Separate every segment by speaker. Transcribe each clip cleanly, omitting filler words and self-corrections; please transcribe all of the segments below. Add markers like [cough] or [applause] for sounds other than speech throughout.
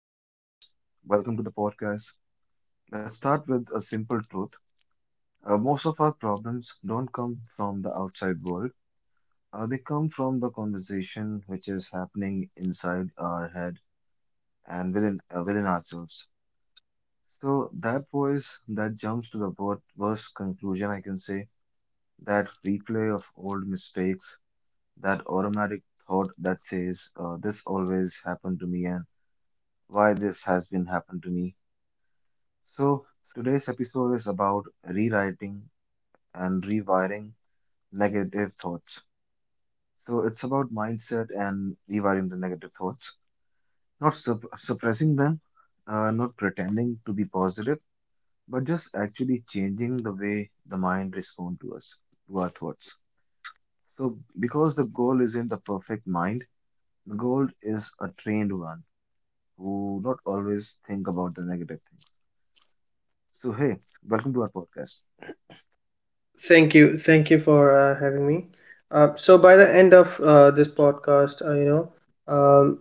Speaker 1: So, hi guys, welcome to the podcast. Let's start with a simple truth. Most of our problems don't come from the outside world, they come from the conversation which is happening inside our head and within ourselves. So, that voice that jumps to the worst conclusion, I can say, that replay of old mistakes, that automatic thought that says, this always happened to me, and why this has been happened to me. So, today's episode is about rewriting and rewiring negative thoughts. So, it's about mindset and rewiring the negative thoughts, not suppressing them, not pretending to be positive, but just actually changing the way the mind responds to us, to our thoughts. So, because the goal isn't the perfect mind, the goal is a trained one who not always think about the negative things. So, hey, welcome to our podcast.
Speaker 2: Thank you. Thank you for having me. By the end of this podcast,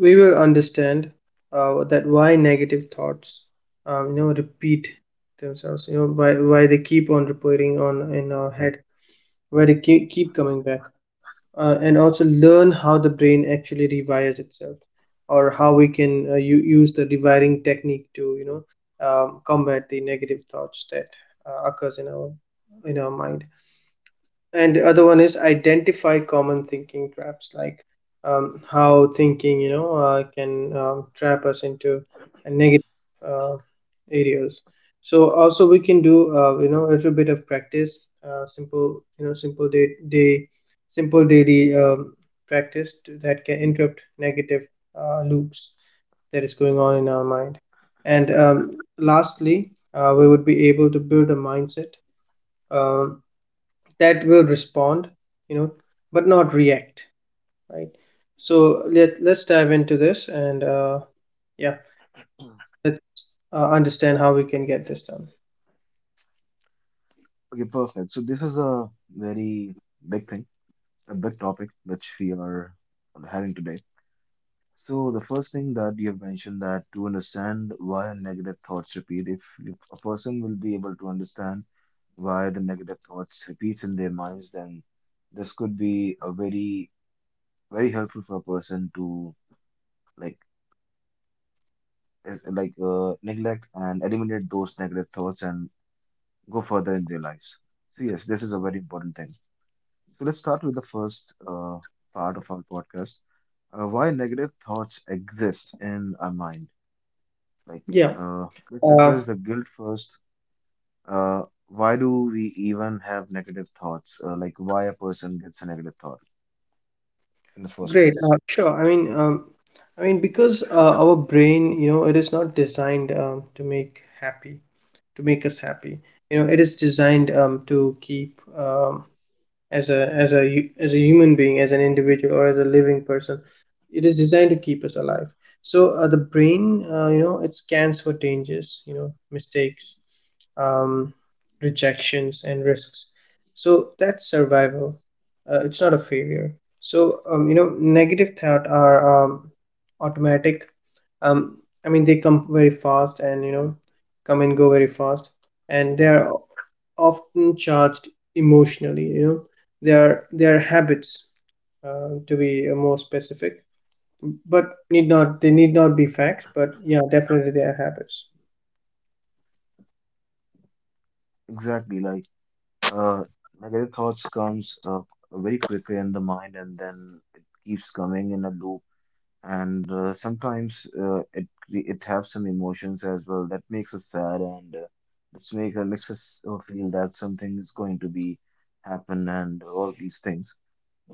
Speaker 2: we will understand that why negative thoughts, repeat themselves. You know, why they keep on repeating on in our head, why they keep coming back, and also learn how the brain actually rewires itself, or how we can use the rewiring technique to combat the negative thoughts that occurs in our mind. And the other one is identify common thinking traps like how thinking can trap us into a negative uh, areas. So also we can do a little bit of practice, simple, simple day, day simple daily practice that can interrupt negative loops that is going on in our mind. And lastly, we would be able to build a mindset um, that will respond, you know, but not react, right? So let's dive into this and, yeah, let's understand how we can get this done.
Speaker 1: Okay, perfect. So this is a very big thing, a big topic which we are having today. So the first thing that you have mentioned that to understand why negative thoughts repeat, if a person will be able to understand why the negative thoughts repeats in their minds, then this could be a very helpful for a person to like neglect and eliminate those negative thoughts and go further in their lives. So yes, this is a very important thing. So let's start with the first part of our podcast. Why negative thoughts exist in our mind? Like,
Speaker 2: Yeah.
Speaker 1: let's
Speaker 2: uh,
Speaker 1: address the guilt first. Why do we even have negative thoughts? Like, why a person gets a negative thought in the first
Speaker 2: Great.
Speaker 1: place?
Speaker 2: Sure, I mean because our brain, you know, it is not designed to make happy, to make us happy. You know, it is designed to keep as a as a as a human being, as an individual or as a living person, it is designed to keep us alive. So the brain, you know, it scans for dangers, you know, mistakes, um, rejections and risks. So that's survival, it's not a failure. So, you know, negative thought are automatic. um, I mean, they come very fast, and you know, come and go very fast. And they are often charged emotionally. You know, they are habits, to be more specific. But need not, they need not be facts, but yeah, definitely they are habits.
Speaker 1: Exactly. Like, uh, negative thoughts comes very quickly in the mind, and then it keeps coming in a loop and sometimes it have some emotions as well that makes us sad and this makes us feel that something is going to be happen and all these things.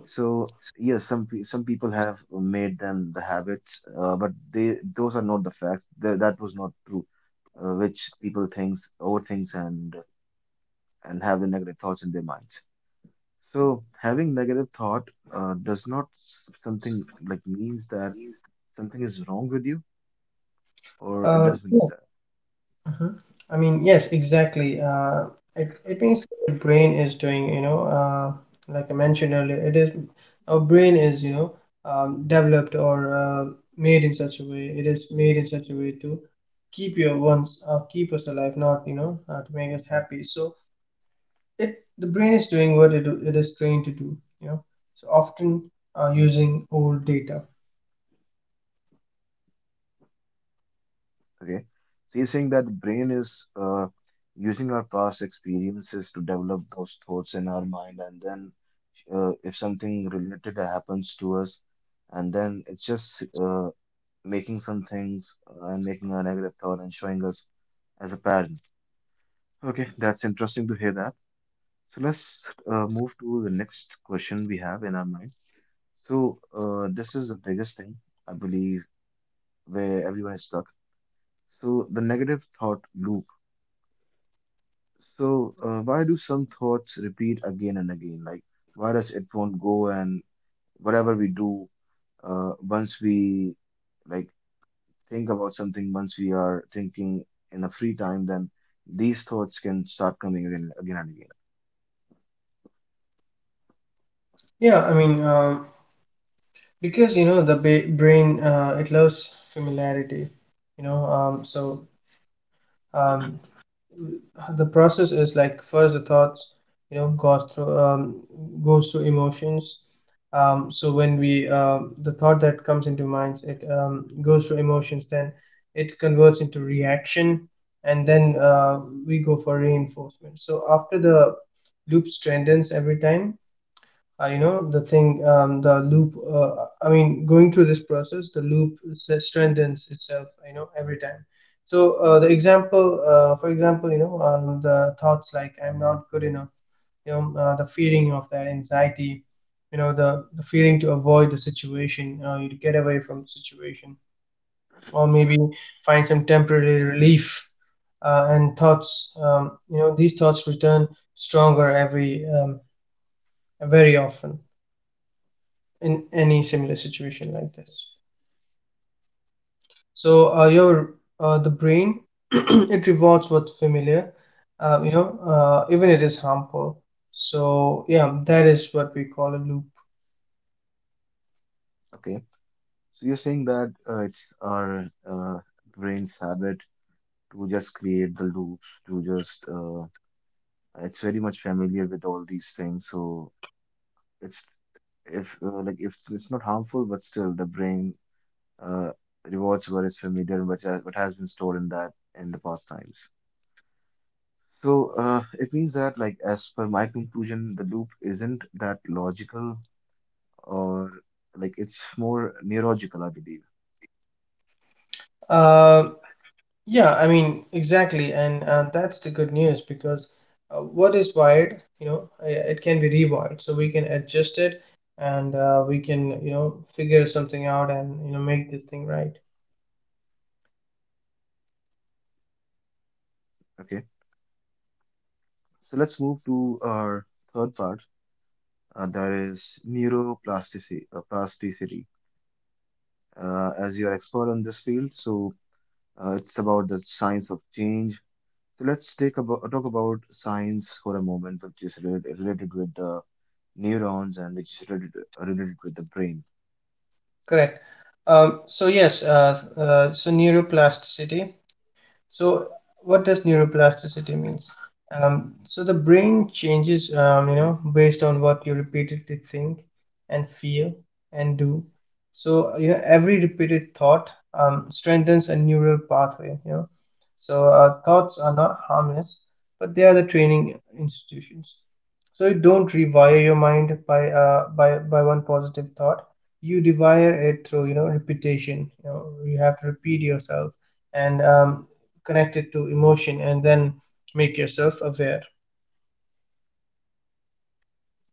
Speaker 1: So yes, some people have made them the habits, but they those are not the facts. Th that was not true, which people thinks overthinks and have the negative thoughts in their minds. So having negative thought does not something like means that something is wrong with you or it
Speaker 2: uh,
Speaker 1: does means that.
Speaker 2: Mhm. I mean, yes, exactly. It means the brain is doing, you know, like I mentioned earlier, it is our brain is, you know, developed or made in such a way. It is made in such a way to keep your wants, keep us alive, not, you know, to make us happy. So it, the brain is doing what it is trained to do, you know. So often using old data.
Speaker 1: Okay. So he's saying that the brain is using our past experiences to develop those thoughts in our mind, and then if something related happens to us, and then it's just making some things and making a negative thought and showing us as a pattern. Okay, that's interesting to hear that. So let's move to the next question we have in our mind. So this is the biggest thing I believe where everyone is stuck. So the negative thought loop. So why do some thoughts repeat again and again? Like why does it won't go and whatever we do, once we like think about something, once we are thinking in a free time, then these thoughts can start coming again, again and again.
Speaker 2: Yeah, I mean, because you know brain, it loves familiarity, you know. Um, so um, the process is like first the thoughts, you know, goes through emotions. So when we the thought that comes into minds, it goes through emotions, then it converts into reaction, and then we go for reinforcement. So after the loop strengthens every time, you know, the loop, I mean going through this process, the loop strengthens itself, you know, every time. So, the example, for example, the thoughts like I'm not good enough, the feeling of that anxiety, you know, the feeling to avoid the situation, you get away from the situation, or maybe find some temporary relief. And thoughts, these thoughts return stronger every very often in any similar situation like this. So your the brain [clears throat] it rewards what's familiar, even it is harmful. So yeah, that is what we call a loop.
Speaker 1: Okay. So you're saying that it's our brain's habit to just create the loops, to just it's very much familiar with all these things. So it's if like if it's not harmful, but still the brain uh, rewards what is familiar and what, what has been stored in that in the past times. So it means that like as per my conclusion, the loop isn't that logical or like it's more neurological, I believe.
Speaker 2: Uh, yeah, I mean exactly, and that's the good news, because what is wired, you know, it can be rewired, so we can adjust it, and we can, you know, figure something out, and you know, make this thing right.
Speaker 1: Okay, so let's move to our third part. That is neuroplasticity. Plasticity. As you are expert on this field, so it's about the science of change. So let's take about talk about science for a moment, which is related with the neurons and which is related with the brain.
Speaker 2: Correct. So yes, so neuroplasticity. So, what does neuroplasticity means? So the brain changes, you know, based on what you repeatedly think and feel and do. So, you know, every repeated thought strengthens a neural pathway. You know, so thoughts are not harmless, but they are the training institutions. So you don't rewire your mind by one positive thought. You rewire it through, you know, repetition. You know, you have to repeat yourself and connected to emotion, and then make yourself aware.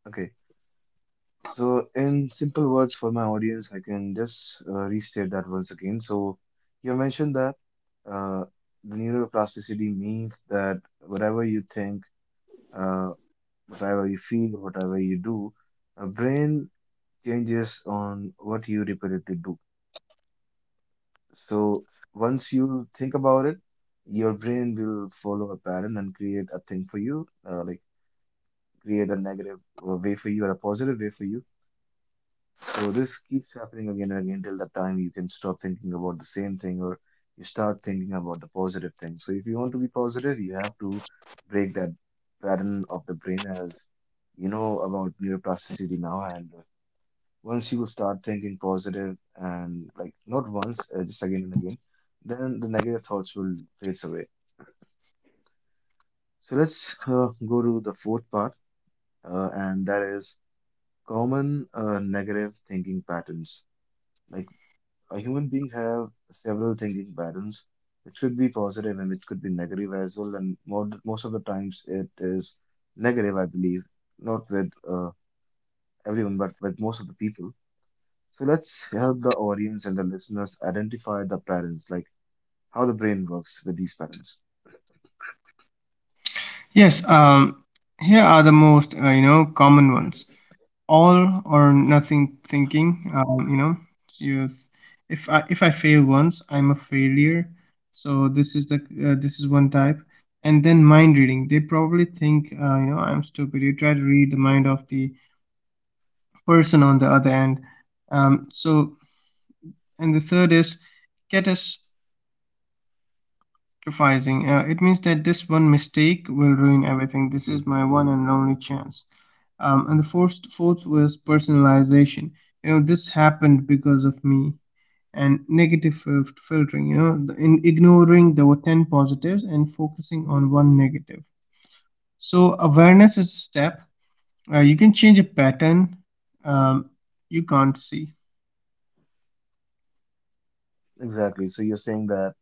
Speaker 1: Okay. So in simple words for my audience, I can just restate that once again. So you mentioned that uh, the neuroplasticity means that whatever you think, uh, whatever you feel, whatever you do, a brain changes on what you repeatedly do. So once you think about it, your brain will follow a pattern and create a thing for you, like create a negative way for you or a positive way for you. So this keeps happening again and again till the time you can stop thinking about the same thing or you start thinking about the positive thing. So if you want to be positive, you have to break that pattern of the brain as you know about neuroplasticity now, and once you start thinking positive and like not once, just again and again, then the negative thoughts will fade away. So let's go to the fourth part, and that is common negative thinking patterns. Like a human being have several thinking patterns, which could be positive and which could be negative as well. And most of the times it is negative, I believe, not with everyone, but with most of the people. So let's help the audience and the listeners identify the parents, like how the brain works with these parents.
Speaker 2: Yes, here are the most you know common ones: all or nothing thinking. You, if I fail once, I'm a failure. So this is the this is one type. And then mind reading. They probably think, you know, I'm stupid. You try to read the mind of the person on the other end. Um, so and the third is get us sacrificing. It means that this one mistake will ruin everything. This is my one and only chance. And the fourth, fourth was personalization. You know, this happened because of me. And negative filtering, you know, the, in ignoring the 10 positives and focusing on one negative. So, awareness is a step. You can change a pattern um, you can't see.
Speaker 1: Exactly. So you're saying that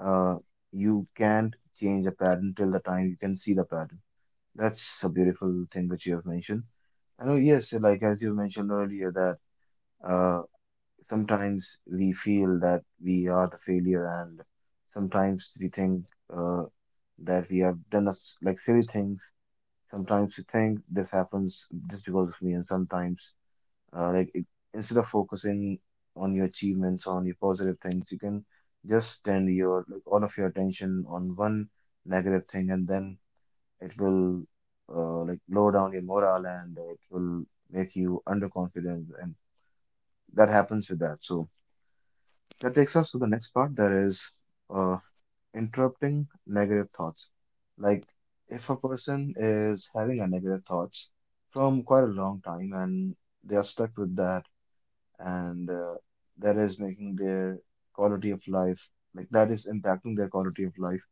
Speaker 1: uh, you can't change a pattern till the time you can see the pattern. That's a beautiful thing which you have mentioned. I know, yes, like as you mentioned earlier, that uh, sometimes we feel that we are the failure, and sometimes we think uh, that we have done us like silly things. Sometimes we think this happens just because of me, and sometimes uh, like it, instead of focusing on your achievements on your positive things you can just spend your like all of your attention on one negative thing and then it will like lower down your morale and it will make you underconfident and that happens with that. So that takes us to the next part that is uh, interrupting negative thoughts, like if a person is having a negative thoughts from quite a long time and they are stuck with that and that is making their quality of life like that is impacting their quality of life.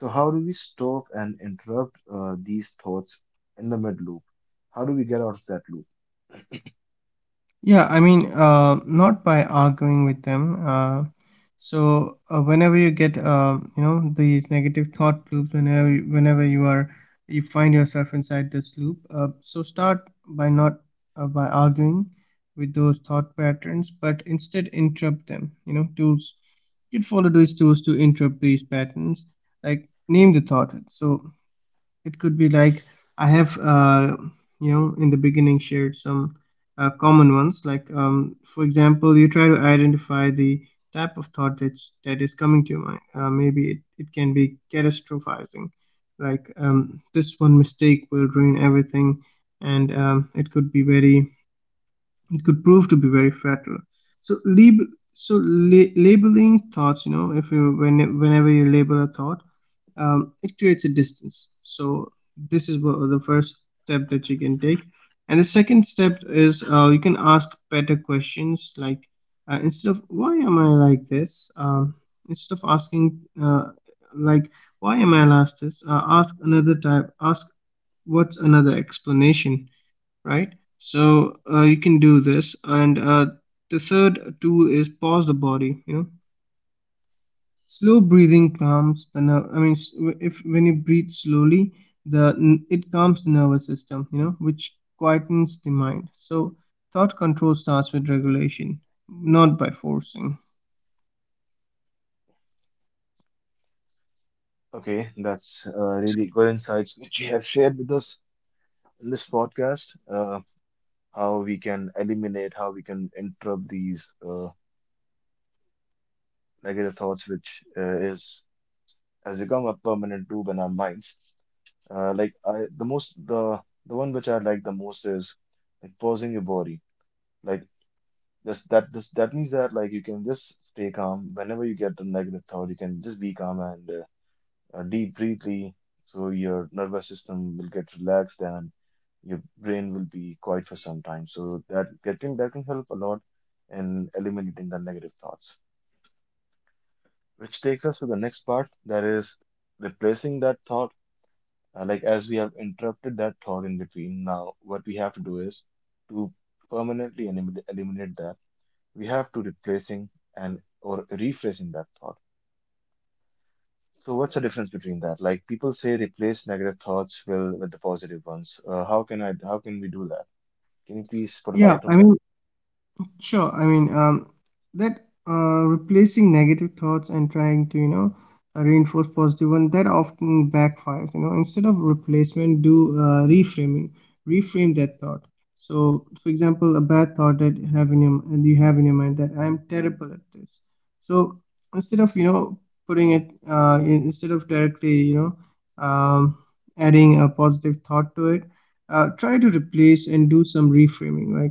Speaker 1: So how do we stop and interrupt these thoughts in the mid loop? How do we get out of that loop?
Speaker 2: Yeah, I mean, not by arguing with them. Whenever you get, you know, these negative thought loops, whenever you are, you find yourself inside this loop. So start by not by arguing with those thought patterns, but instead interrupt them. You know, tools. You can follow these tools to interrupt these patterns. Like name the thought. So it could be like I have, you know, in the beginning shared some common ones. Like, for example, you try to identify the type of thought that is coming to your mind. It can be catastrophizing, like this one mistake will ruin everything, and it could be very it could prove to be very fatal. So so labeling thoughts, you know, if you when whenever you label a thought, it creates a distance. So this is what the first step that you can take. And the second step is, you can ask better questions, like instead of why am I like this, um, instead of asking uh, like why am I like this, ask another type, ask what's another explanation, right? So you can do this. And the third tool is pause the body. You know, slow breathing calms the nerve. I mean, if when you breathe slowly, the it calms the nervous system. You know, which quietens the mind. So thought control starts with regulation, not by forcing.
Speaker 1: Okay, that's really good insights which you have shared with us in this podcast. How we can eliminate, how we can interrupt these negative thoughts, which is has become a permanent loop in our minds. Like I, the most The one which I like the most is like pausing your body. Like this that means that like you can just stay calm whenever you get a negative thought. You can just be calm and deep breathly, so your nervous system will get relaxed and your brain will be quiet for some time. So that can help a lot in eliminating the negative thoughts. Which takes us to the next part, that is replacing that thought. Like as we have interrupted that thought in between, now what we have to do is to permanently eliminate that. We have to replacing and or rephrasing that thought. So what's the difference between that? Like people say replace negative thoughts will with the positive ones. How can we do that? Can you please put a
Speaker 2: Yeah,
Speaker 1: light
Speaker 2: I
Speaker 1: on
Speaker 2: mean.
Speaker 1: that?
Speaker 2: sure, that replacing negative thoughts and trying to, you know, reinforce positive one, that often backfires, you know. Instead of replacement, do reframing, reframe that thought. So, for example, a bad thought that you have in your and you have in your mind that I'm terrible at this. So, instead of, you know, putting it instead of directly, you know, adding a positive thought to it, try to replace and do some reframing, like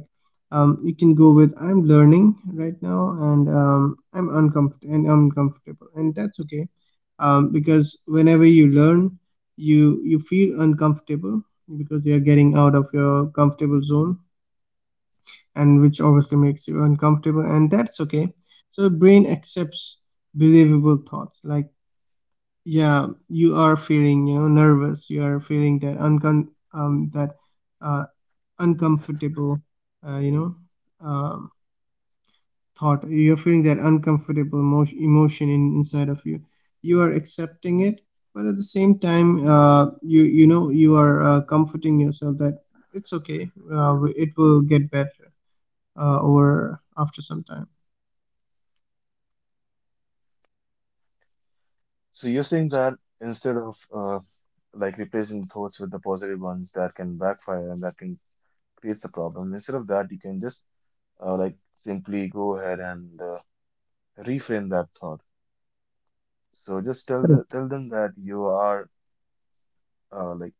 Speaker 2: you can go with I'm learning right now, and I'm uncomfortable and uncomfortable, and that's okay. Because whenever you learn, you feel uncomfortable, because you are getting out of your comfortable zone, and which obviously makes you uncomfortable, and that's okay. So brain accepts believable thoughts. Like, yeah, you are feeling, you know, nervous, you are feeling that uncon that uh, uncomfortable, uh, you know um, thought, you're feeling that uncomfortable emotion inside of you. You are accepting it, but at the same time, you know, you are comforting yourself that it's okay, it will get better over after some time.
Speaker 1: So you're saying that instead of like replacing thoughts with the positive ones that can backfire and that can create a problem, instead of that you can just like simply go ahead and reframe that thought. So just tell
Speaker 2: Correct.
Speaker 1: tell them that you are uh, like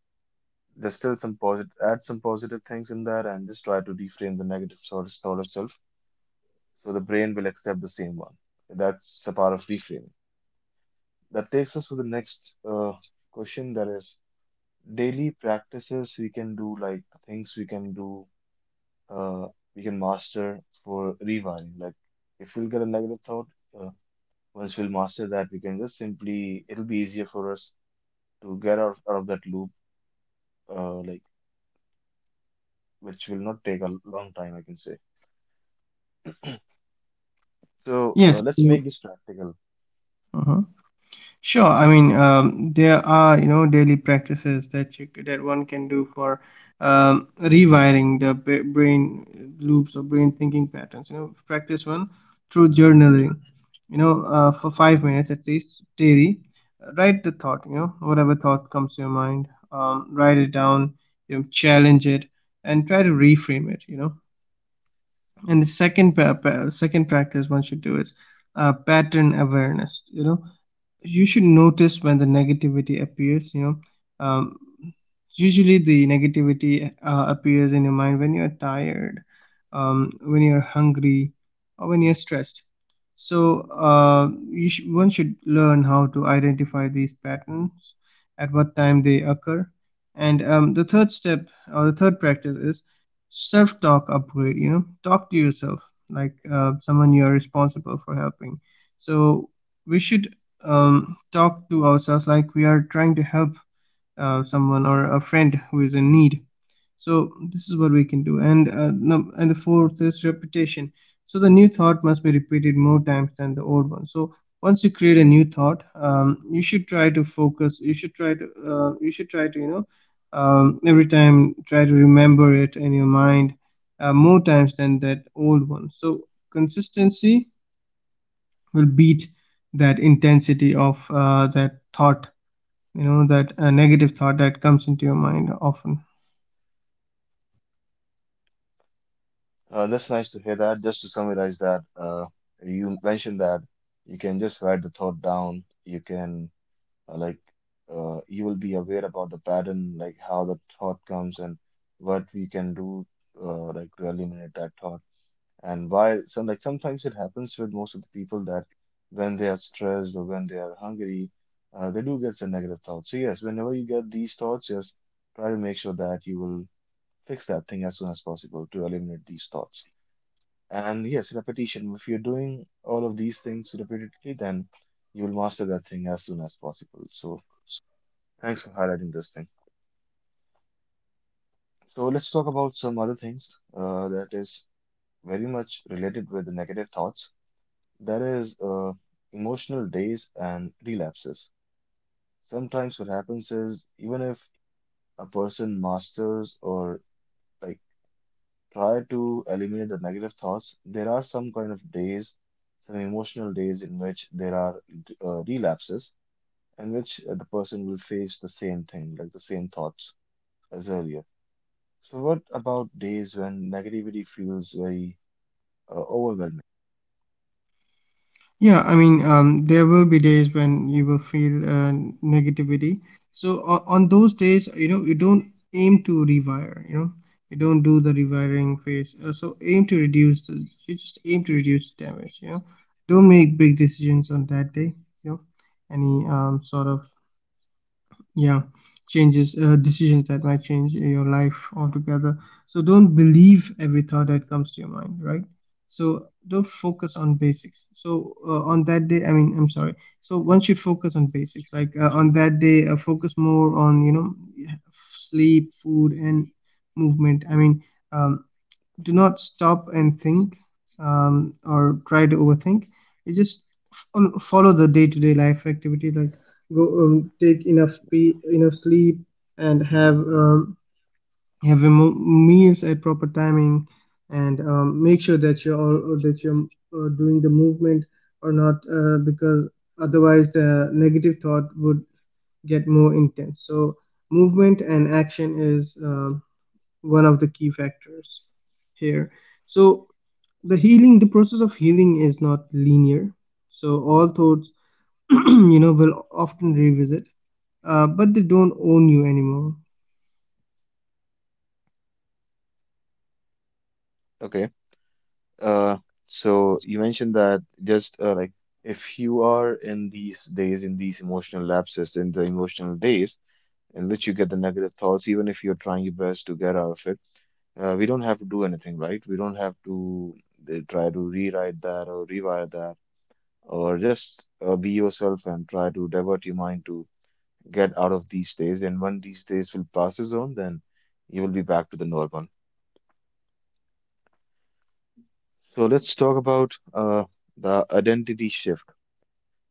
Speaker 1: just tell some positive add some positive things in there and just try to reframe the negative thought itself so the brain will accept the same one. That's a part of reframing. That takes us to the next question that is daily practices we can do like things we can do uh, we can master for rewiring, like if we'll get a negative thought, uh, once we'll master that we can just simply it'll be easier for us to get out of that loop, like which will not take a long time, I can say. So
Speaker 2: Yes.
Speaker 1: let's make this practical.
Speaker 2: uh huh. Sure. I mean, there are, you know, daily practices that that one can do for rewiring the brain loops or brain thinking patterns. You know, practice one through journaling. You know, for 5 minutes at least daily, write the thought. You know, whatever thought comes to your mind, write it down. You know, challenge it and try to reframe it. You know, and the second second practice one should do is pattern awareness. You know, you should notice when the negativity appears. Um, Usually the negativity appears in your mind when you're tired, when you're hungry, or when you're stressed. So one should learn how to identify these patterns, at what time they occur. And the third step or the third practice is self-talk upgrade. You know, talk to yourself like someone you are responsible for helping. So we should talk to ourselves like we are trying to help someone or a friend who is in need. So this is what we can do. And and the fourth is repetition. So the new thought must be repeated more times than the old one. So once you create a new thought, you should try to focus, you should try to, every time try to remember it in your mind more times than that old one. So consistency will beat that intensity of that thought, you know, that negative thought that comes into your mind often.
Speaker 1: That's nice to hear that. Just to summarize that, you mentioned that you can just write the thought down. You can uh, like you will be aware about the pattern, like how the thought comes and what we can do like to eliminate that thought. And why, so like sometimes it happens with most of the people that when they are stressed or when they are hungry, they do get some negative thoughts. So yes, whenever you get these thoughts, just try to make sure that you will fix that thing as soon as possible to eliminate these thoughts. And yes, repetition. If you're doing all of these things repeatedly, then you will master that thing as soon as possible. So thanks for highlighting this thing. So let's talk about some other things that is very much related with the negative thoughts. There is emotional days and relapses. Sometimes what happens is even if a person masters or like try to eliminate the negative thoughts, there are some kind of days, some emotional days in which there are relapses in which the person will face the same thing, like the same thoughts as earlier. So what about days when negativity feels very overwhelming?
Speaker 2: There will be days when you will feel negativity. So on those days, you know, you don't aim to rewire. You know, you don't do the rewiring phase. So aim to reduce the, You just aim to reduce damage, you know. Don't make big decisions on that day, you know, any sort of, yeah, changes, decisions that might change your life altogether. So don't believe every thought that comes to your mind, right? So don't focus on basics so on that day I mean I'm sorry So one should focus on basics, like on that day focus more on, you know, sleep, food, and movement. I mean, um, do not stop and think or try to overthink. You just follow the day-to-day life activity, like go enough sleep, and have your meals at proper timing, and make sure that that you're doing the movement or not. Because otherwise the negative thought would get more intense. So movement and action is one of the key factors here. So the process of healing is not linear. So all thoughts, [clears throat] you know, will often revisit, but they don't own you anymore.
Speaker 1: Okay. Uh, so you mentioned that just like if you are in these days, in these emotional lapses, in the emotional days in which you get the negative thoughts, even if you're trying your best to get out of it, we don't have to do anything, right? We don't have to try to rewrite that or rewire that, or just be yourself and try to divert your mind to get out of these days. And when these days will passes on, then you will be back to the normal. So let's talk about the identity shift.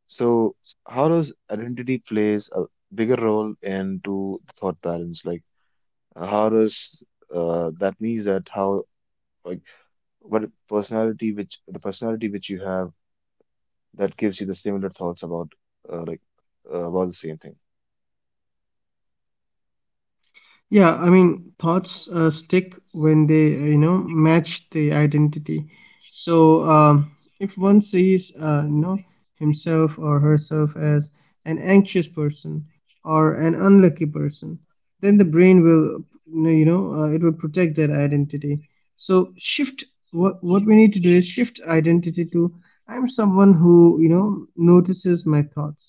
Speaker 1: So how does identity plays a bigger role into the thought patterns? Like how does that means that how like what personality which you have that gives you the similar thoughts about uh, like about the same thing.
Speaker 2: Yeah, I mean, thoughts stick when they, you know, match the identity. So, if one sees, you know, himself or herself as an anxious person or an unlucky person, then the brain will, it will protect that identity. So, shift what we need to do is shift identity to: I'm someone who, you know, notices my thoughts.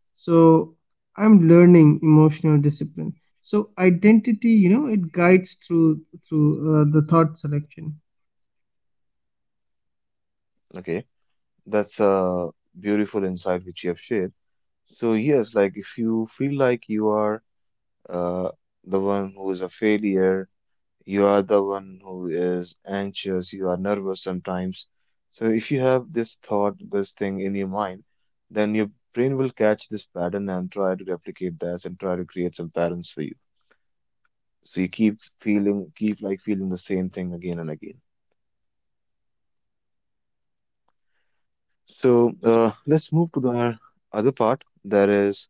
Speaker 2: So I'm learning emotional discipline. So identity, you know, it guides through the thought selection.
Speaker 1: Okay, that's a beautiful insight which you have shared. So yes, like if you feel like you are uh, the one who is a failure. You are the one who is anxious, you are nervous sometimes. So, if you have this thought, this thing in your mind, then your brain will catch this pattern and try to replicate that and try to create some patterns for you. So, you keep feeling, keep like feeling the same thing again and again. So, let's move to the our other part, that is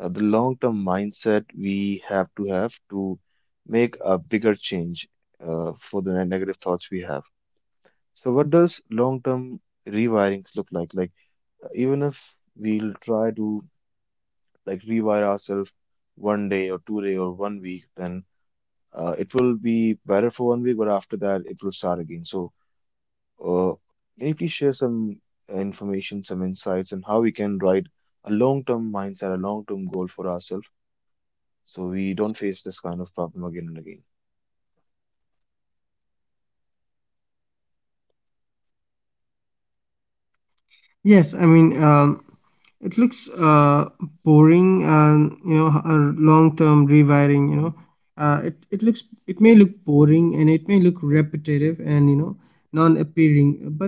Speaker 1: the long term mindset we have to make a bigger change for the negative thoughts we have. So what does long-term rewiring look like? Like even if we'll try to like rewire ourselves one day or two day or one week, then it will be better for one week, but after that it will start again. So uh, can you please share some information, some insights on how we can write a long-term mindset, a long-term goal for ourselves, so we don't face this kind of problem again and again?
Speaker 2: Yes, I mean, it looks boring, and, you know, a long-term rewiring. You know, it may look boring, and it may look repetitive and, you know, non-appealing, but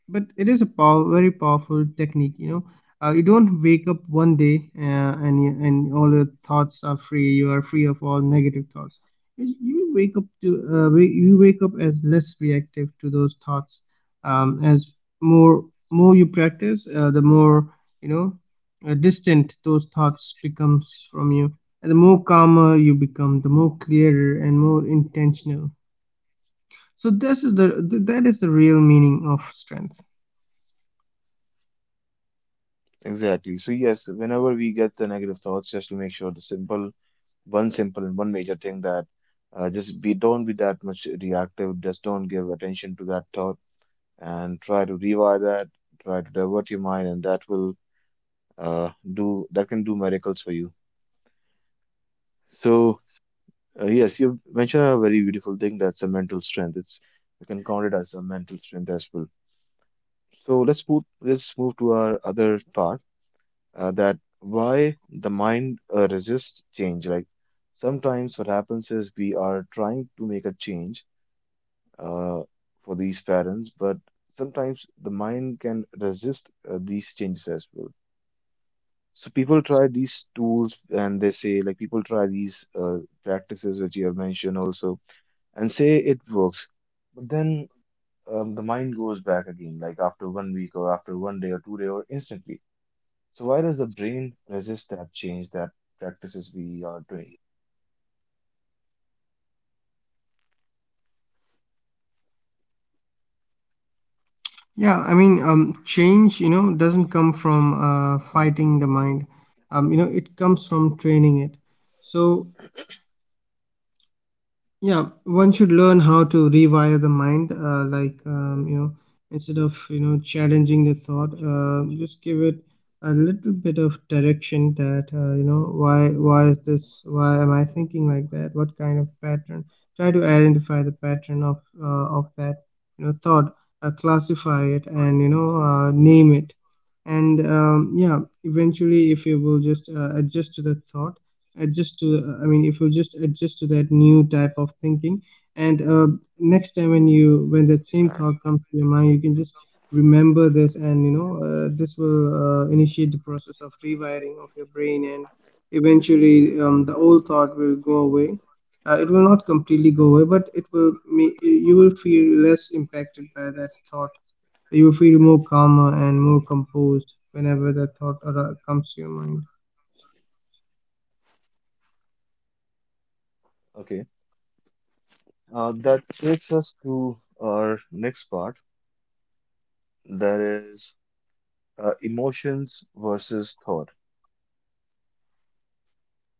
Speaker 2: it is very powerful technique. You know, you don't wake up one day and all your thoughts are free. You are free of all negative thoughts. You wake up to you wake up as less reactive to those thoughts, as more you practice, the more, you know, distant those thoughts becomes from you, and the more calmer you become, the more clearer and more intentional. So this is the th- that is the real meaning of strength.
Speaker 1: Exactly. So yes, whenever we get the negative thoughts, just to make sure the simple, one simple and one major thing that just be don't be that much reactive. Just don't give attention to that thought and try to rewire that. Try to divert your mind, and that will do that can do miracles for you. So yes, you mentioned a very beautiful thing. That's a mental strength. It's we can count it as a mental strength as well. So let's move to our other part, that why the mind resists change. Like sometimes what happens is we are trying to make a change uh, for these parents, but sometimes the mind can resist these changes as well. So people try these tools and they say like people try these practices which you have mentioned also and say it works, but then the mind goes back again like after one week or after one day or two day or instantly. So why does the brain resist that change that practices we are doing?
Speaker 2: Change, you know, doesn't come from fighting the mind. You know, it comes from training it. So, yeah, one should learn how to rewire the mind, you know, instead of, you know, challenging the thought, just give it a little bit of direction. That you know, why is this, why am I thinking like that, what kind of pattern. Try to identify the pattern of that, you know, thought. Classify it, and, name it. And yeah, eventually, if you will just adjust to the thought, adjust to I mean if you just adjust to that new type of thinking, and next time when you when that same thought comes to your mind, you can just remember this, and, this will initiate the process of rewiring of your brain. And eventually the old thought will go away. It will not completely go away, but it will make you will feel less impacted by that thought. You will feel more calmer and more composed whenever that thought comes to your mind.
Speaker 1: Okay, that takes us to our next part. That is emotions versus thought,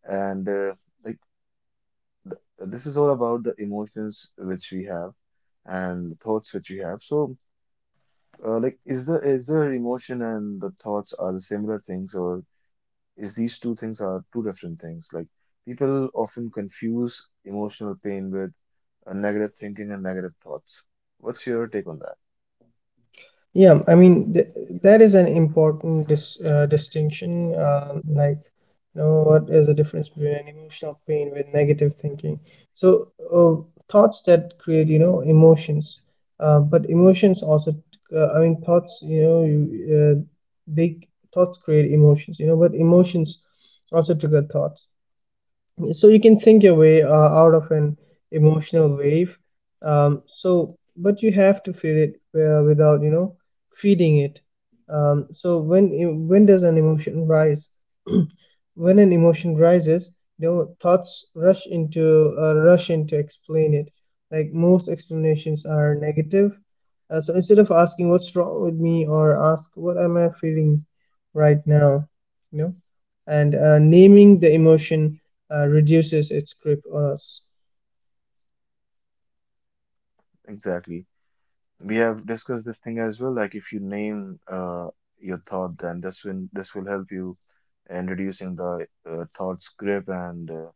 Speaker 1: and like th this is all about the emotions which we have and thoughts which we have. So, like, is there emotion and the thoughts are the similar things, or is these two things are two different things. Like people often confuse emotional pain with negative thinking and negative thoughts. What's your take on that?
Speaker 2: Yeah, I mean, th that is an important distinction. Like, you know, what is the difference between an emotional pain with negative thinking? So, uh, thoughts that create, you know, emotions, but emotions also, I mean, thoughts, you know, you, uh, they thoughts create emotions, you know, but emotions also trigger thoughts. So you can think your way out of an emotional wave, so, but you have to feel it without, you know, feeding it. When does an emotion rise? When an emotion rises, you know, thoughts rush in to explain it, like most explanations are negative. So instead of asking what's wrong with me, or ask what am I feeling right now, you know, and naming the emotion reduces its grip on us.
Speaker 1: Exactly. We have discussed this thing as well. Like if you name your thought, then this will help you in reducing the thought's grip and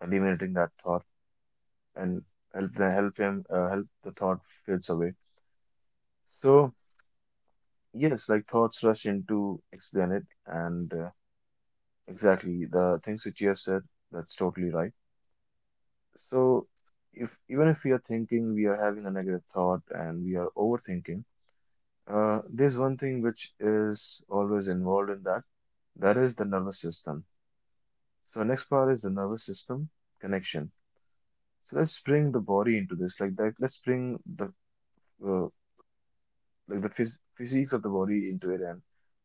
Speaker 1: eliminating that thought and help the thought fades away. So yes, like thoughts rush in to explain it and. Exactly, the things which you have said, that's totally right. So, if even if we are thinking, we are having a negative thought and we are overthinking, there's one thing which is always involved in that, that is the nervous system. So, our next part is the nervous system connection. So, let's bring the body into this, like that. Let's bring the uh, like the physics of the body into it, and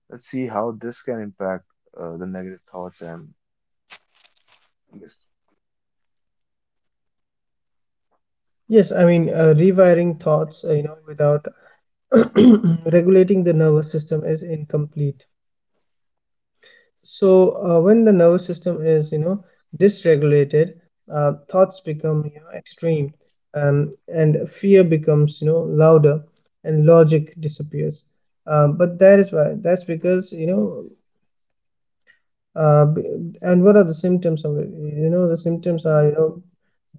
Speaker 1: let's see how this can impact the negative thoughts and yes,
Speaker 2: Rewiring thoughts, you know, without [clears throat] regulating the nervous system is incomplete. So when the nervous system is, you know, dysregulated, thoughts become, you know, extreme, and fear becomes, you know, louder, and logic disappears. But that is why that's because, you know, uh, b- and what are the symptoms of it? You know, the symptoms are, you know,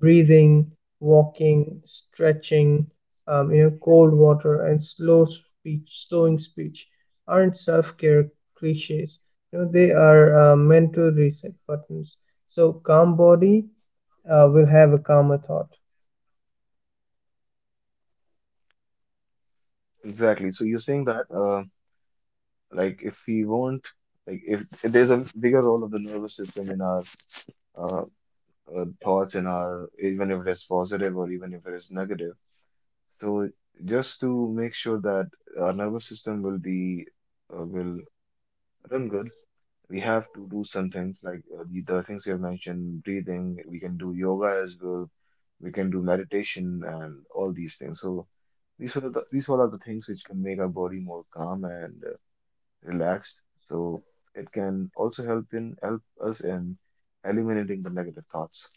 Speaker 2: breathing, walking, stretching, you know, cold water, and slowing speech aren't self-care cliches. You know, they are mental reset buttons. So, calm body will have a calmer thought.
Speaker 1: exactly. So, you're saying that. Like if we won't like if there's a bigger role of the nervous system in our uh, thoughts in our, even if it is positive or even if it is negative. So just to make sure that our nervous system will be will run good, we have to do some things like the things you have mentioned, breathing, we can do yoga as well, we can do meditation and all these things. So these were the, these were all the things which can make our body more calm and relaxed. So it can also help in help us in eliminating the negative thoughts.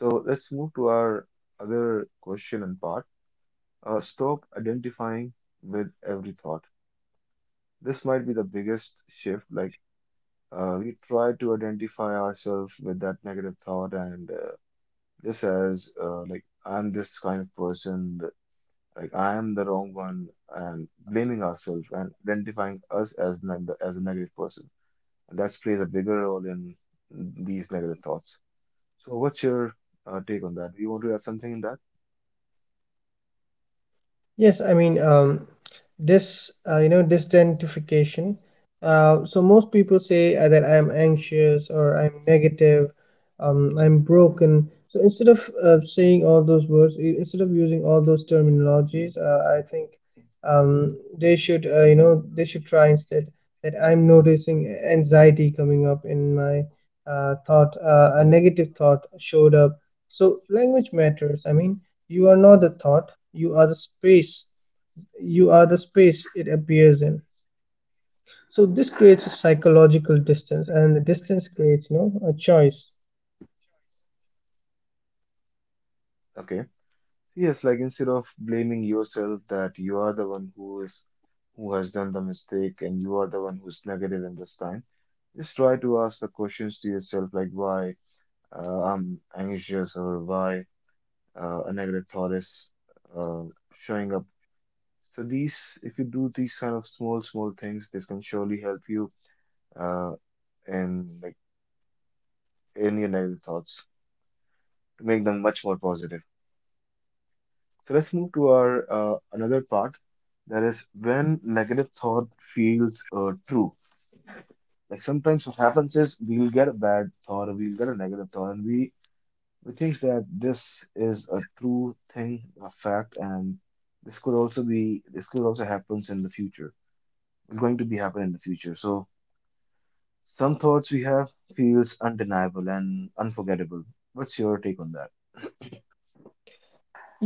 Speaker 1: So let's move to our other question and part. Stop identifying with every thought. This might be the biggest shift. Like we try to identify ourselves with that negative thought, and this as like I'm this kind of person, like I am the wrong one, and blaming ourselves and identifying us as as a negative person, and that plays a bigger role in these negative thoughts. So, what's your take on that? Do you want to add something in that?
Speaker 2: Yes, I mean, this, this identification. So most people say that I'm anxious or I'm negative, I'm broken. So instead of saying all those words, instead of using all those terminologies, I think they should, they should try instead that I'm noticing anxiety coming up in my thought. A negative thought showed up. So language matters. I mean, you are not the thought, you are the space, you are the space it appears in. So this creates a psychological distance, and the distance creates, you know, a choice.
Speaker 1: Okay. So yes, like instead of blaming yourself that you are the one who is who has done the mistake and you are the one who's negative in this time, just try to ask the questions to yourself like why I'm anxious or why a negative thought is uh, showing up. So these, if you do these kind of small, small things, this can surely help you uh, in like in your negative thoughts to make them much more positive. So let's move to our another part, that is when negative thought feels true. Like sometimes what happens is we'll get a bad thought or we'll get a negative thought and we think that this is a true thing, a fact, and this could also be this could also happens in the future. It's going to be happening in the future. So some thoughts we have feels undeniable and unforgettable. What's your take on that?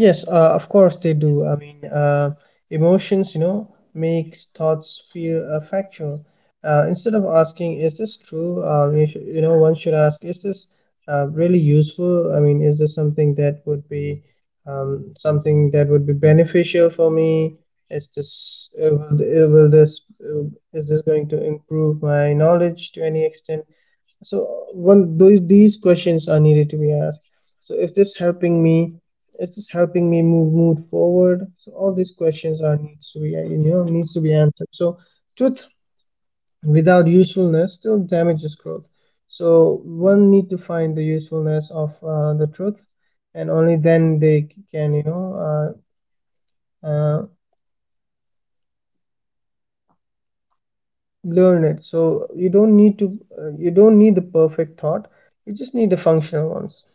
Speaker 2: Yes, of course they do. I mean, emotions, you know, makes thoughts feel factual. Instead of asking, "Is this true?" You, should, you know, one should ask, "Is this really useful? I mean, is this something that would be something that would be beneficial for me? Is this will this is this going to improve my knowledge to any extent?" So one those these questions are needed to be asked. So, if this helping me, is this helping me move forward? So all these questions are needs to be, needs to be answered. So truth without usefulness still damages growth. So one need to find the usefulness of the truth, and only then they can, uh, learn it. So you don't need to you don't need the perfect thought, you just need the functional ones.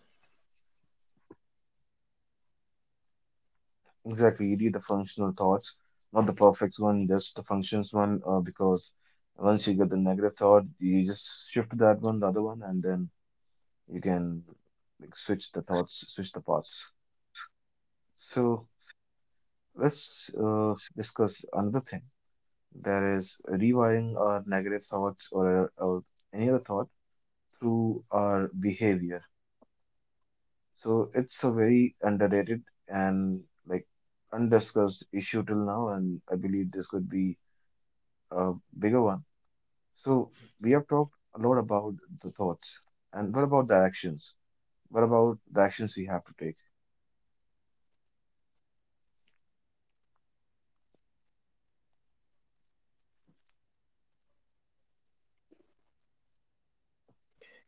Speaker 1: Exactly, you need the functional thoughts, not the perfect one, just the functions one, because once you get the negative thought, you just shift that one, the other one, and then you can like switch the thoughts, switch the parts. So let's discuss another thing. That is rewiring our negative thoughts or any other thought through our behavior. So it's a very underrated and like undiscussed issue till now, and I believe this could be a bigger one. So we have talked a lot about the thoughts, and what about the actions? What about the actions we have to take?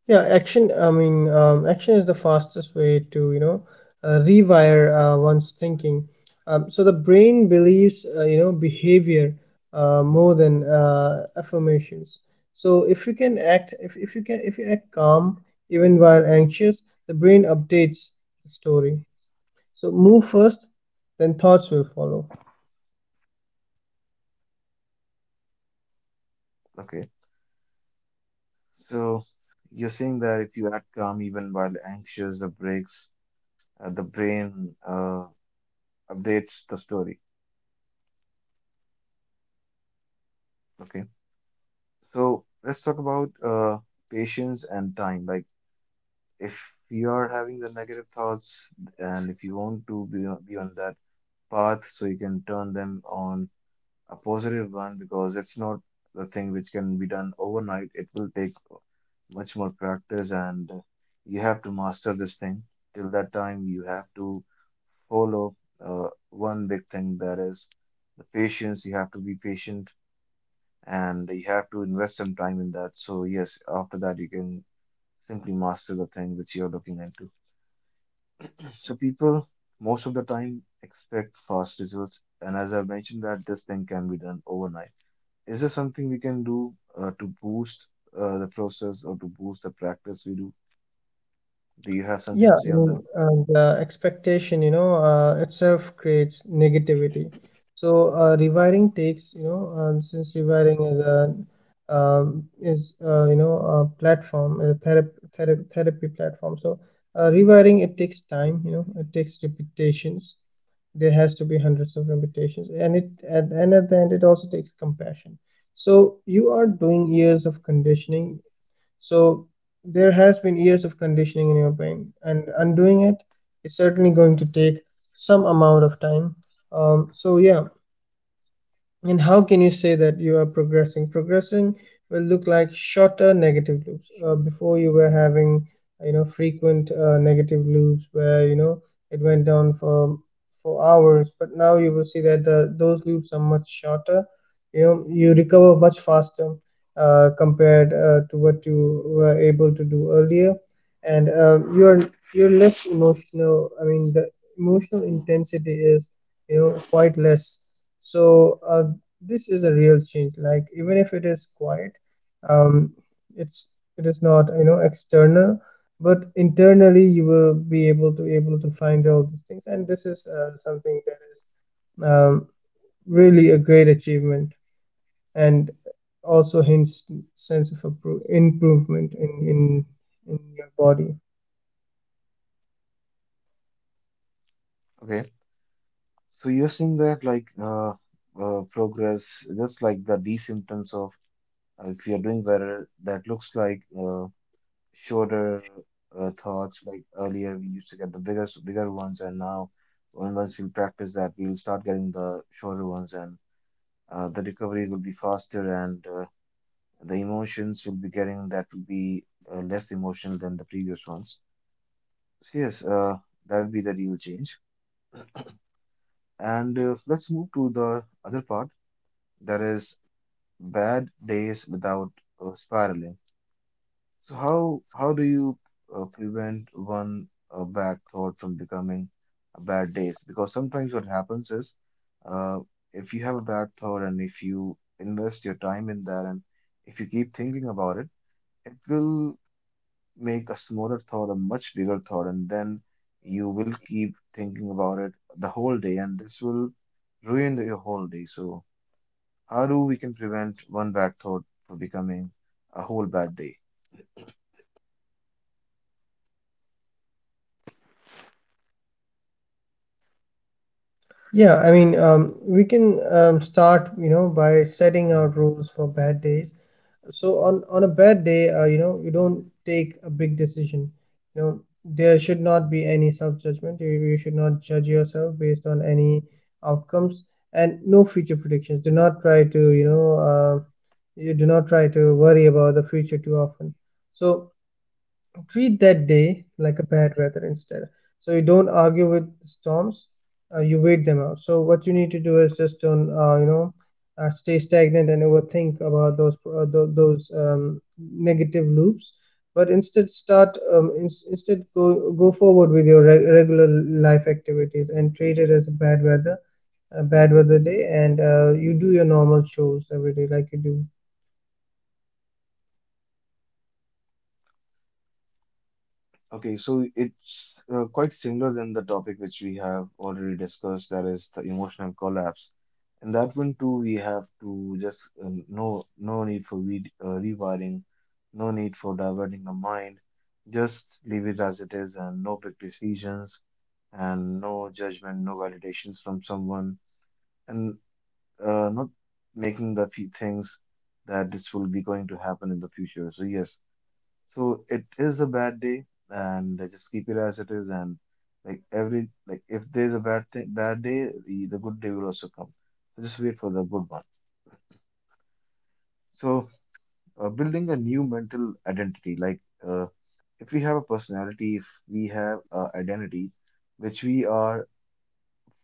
Speaker 2: Yeah, action. I mean, action is the fastest way to, you know, rewire one's thinking. So the brain believes you know, behavior more than affirmations. So if you can, if you act calm even while anxious, the brain updates the story. So move first, then thoughts will follow.
Speaker 1: Okay, so you're saying that if you act calm even while anxious, the brain updates the story. Okay, so let's talk about patience and time. Like if you are having the negative thoughts, and if you want to be on that path, so you can turn them on a positive one, because it's not the thing which can be done overnight. It will take much more practice and you have to master this thing. Till that time, you have to follow one big thing that is the patience. You have to be patient and you have to invest some time in that. So, yes, after that, you can simply master the thing which you're looking into. So, people most of the time expect fast results. And as I mentioned, that this thing can be done overnight. Is there something we can do to boost the process or to boost the practice we do? Do you have something
Speaker 2: Yeah,
Speaker 1: to say
Speaker 2: I
Speaker 1: on
Speaker 2: mean,
Speaker 1: that?
Speaker 2: and expectation, you know, itself creates negativity. So rewiring takes, you know, since rewiring is a is you know, a platform, a therapy platform. So rewiring it takes time, you know, it takes repetitions. There has to be hundreds of repetitions, and and at the end it also takes compassion. So you are doing years of conditioning so there has been years of conditioning in your brain, and undoing it is certainly going to take some amount of time. So, yeah, and how can you say that you are progressing? Progressing will look like shorter negative loops. Before you were having, you know, frequent negative loops where, you know, it went down for hours, but now you will see that the those loops are much shorter. You know, you recover much faster compared to what you were able to do earlier, and you're less emotional. I mean, the emotional intensity is, quite less so uh, this is a real change, like even if it is quiet um, it's it is not, you know, external, but internally you will be able to find all these things, and this is something that is um, really a great achievement, and also hints sense of improvement in in your body.
Speaker 1: Okay. So you're seeing that progress, just like the D symptoms of if you're doing better, that looks like shorter thoughts. Like earlier, we used to get the bigger, bigger ones, and now once we practice that, we'll start getting the shorter ones, and the recovery will be faster, and the emotions you'll be getting that will be less emotional than the previous ones. So yes, that will be the real change. And let's move to the other part, that is bad days without spiraling. So how do you prevent one bad thought from becoming a bad days? Because sometimes what happens is uh, if you have a bad thought and if you invest your time in that and if you keep thinking about it, it will make a smaller thought a much bigger thought, and then you will keep thinking about it the whole day, and this will ruin your whole day. So, how do we can prevent one bad thought from becoming a whole bad day?
Speaker 2: Yeah, I mean, we can start, you know, by setting out rules for bad days. So on a bad day, you know, you don't take a big decision. You know, there should not be any self judgment. You should not judge yourself based on any outcomes, and no future predictions. Do not try to, you know, you do not try to worry about the future too often. So treat that day like a bad weather instead. So you don't argue with the storms, you wait them out. So what you need to do is just don't, you know, stay stagnant and overthink about those negative loops. But instead, start ins instead go forward with your re regular life activities and treat it as a bad weather day, and you do your normal chores every day like you do.
Speaker 1: Okay, so it's quite similar than the topic which we have already discussed, that is the emotional collapse. And that one too, we have to just no need for re rewiring, no need for diverting the mind. Just leave it as it is, and no big decisions, and no judgment, no validations from someone, and not making the few things that this will be going to happen in the future. So yes, so it is a bad day, and just keep it as it is. And like every like, if there's a bad thing, bad day, the good day will also come. So just wait for the good one. So building a new mental identity, like uh, if we have a personality, if we have a identity which we are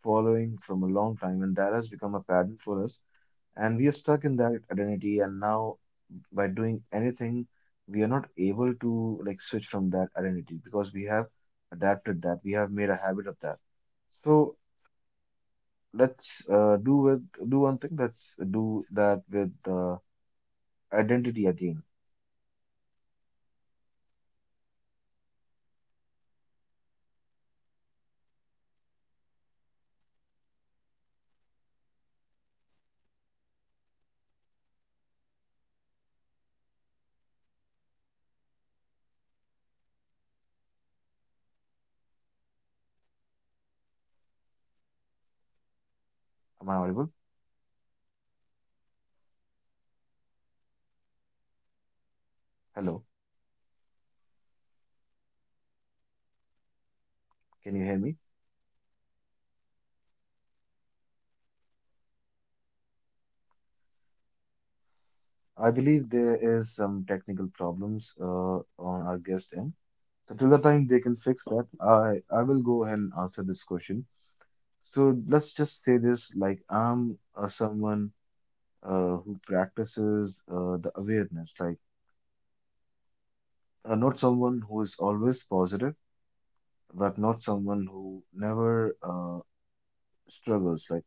Speaker 1: following from a long time, and that has become a pattern for us, and we are stuck in that identity, and now by doing anything, we are not able to like switch from that identity because we have adapted that. We have made a habit of that. So let's do one thing. Let's do that with identity again. Am I audible? Hello, can you hear me? I believe there is some technical problems on our guest end. So till the time they can fix that, I will go ahead and answer this question. So let's just say this like I'm someone who practices the awareness, like not someone who is always positive, but not someone who never struggles. Like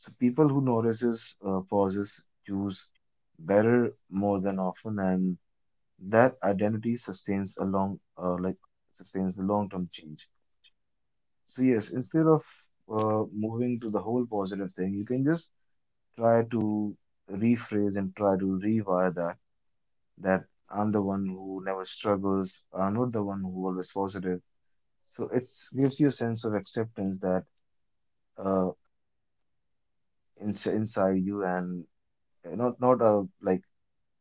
Speaker 1: so, people who notices pauses choose better more than often, and that identity sustains a long, like sustains the long-term change. So yes, instead of moving to the whole positive thing, you can just try to rephrase and try to rewire that I'm the one who never struggles. I'm not the one who always positive. So it gives you a sense of acceptance that uh, inside you and not a like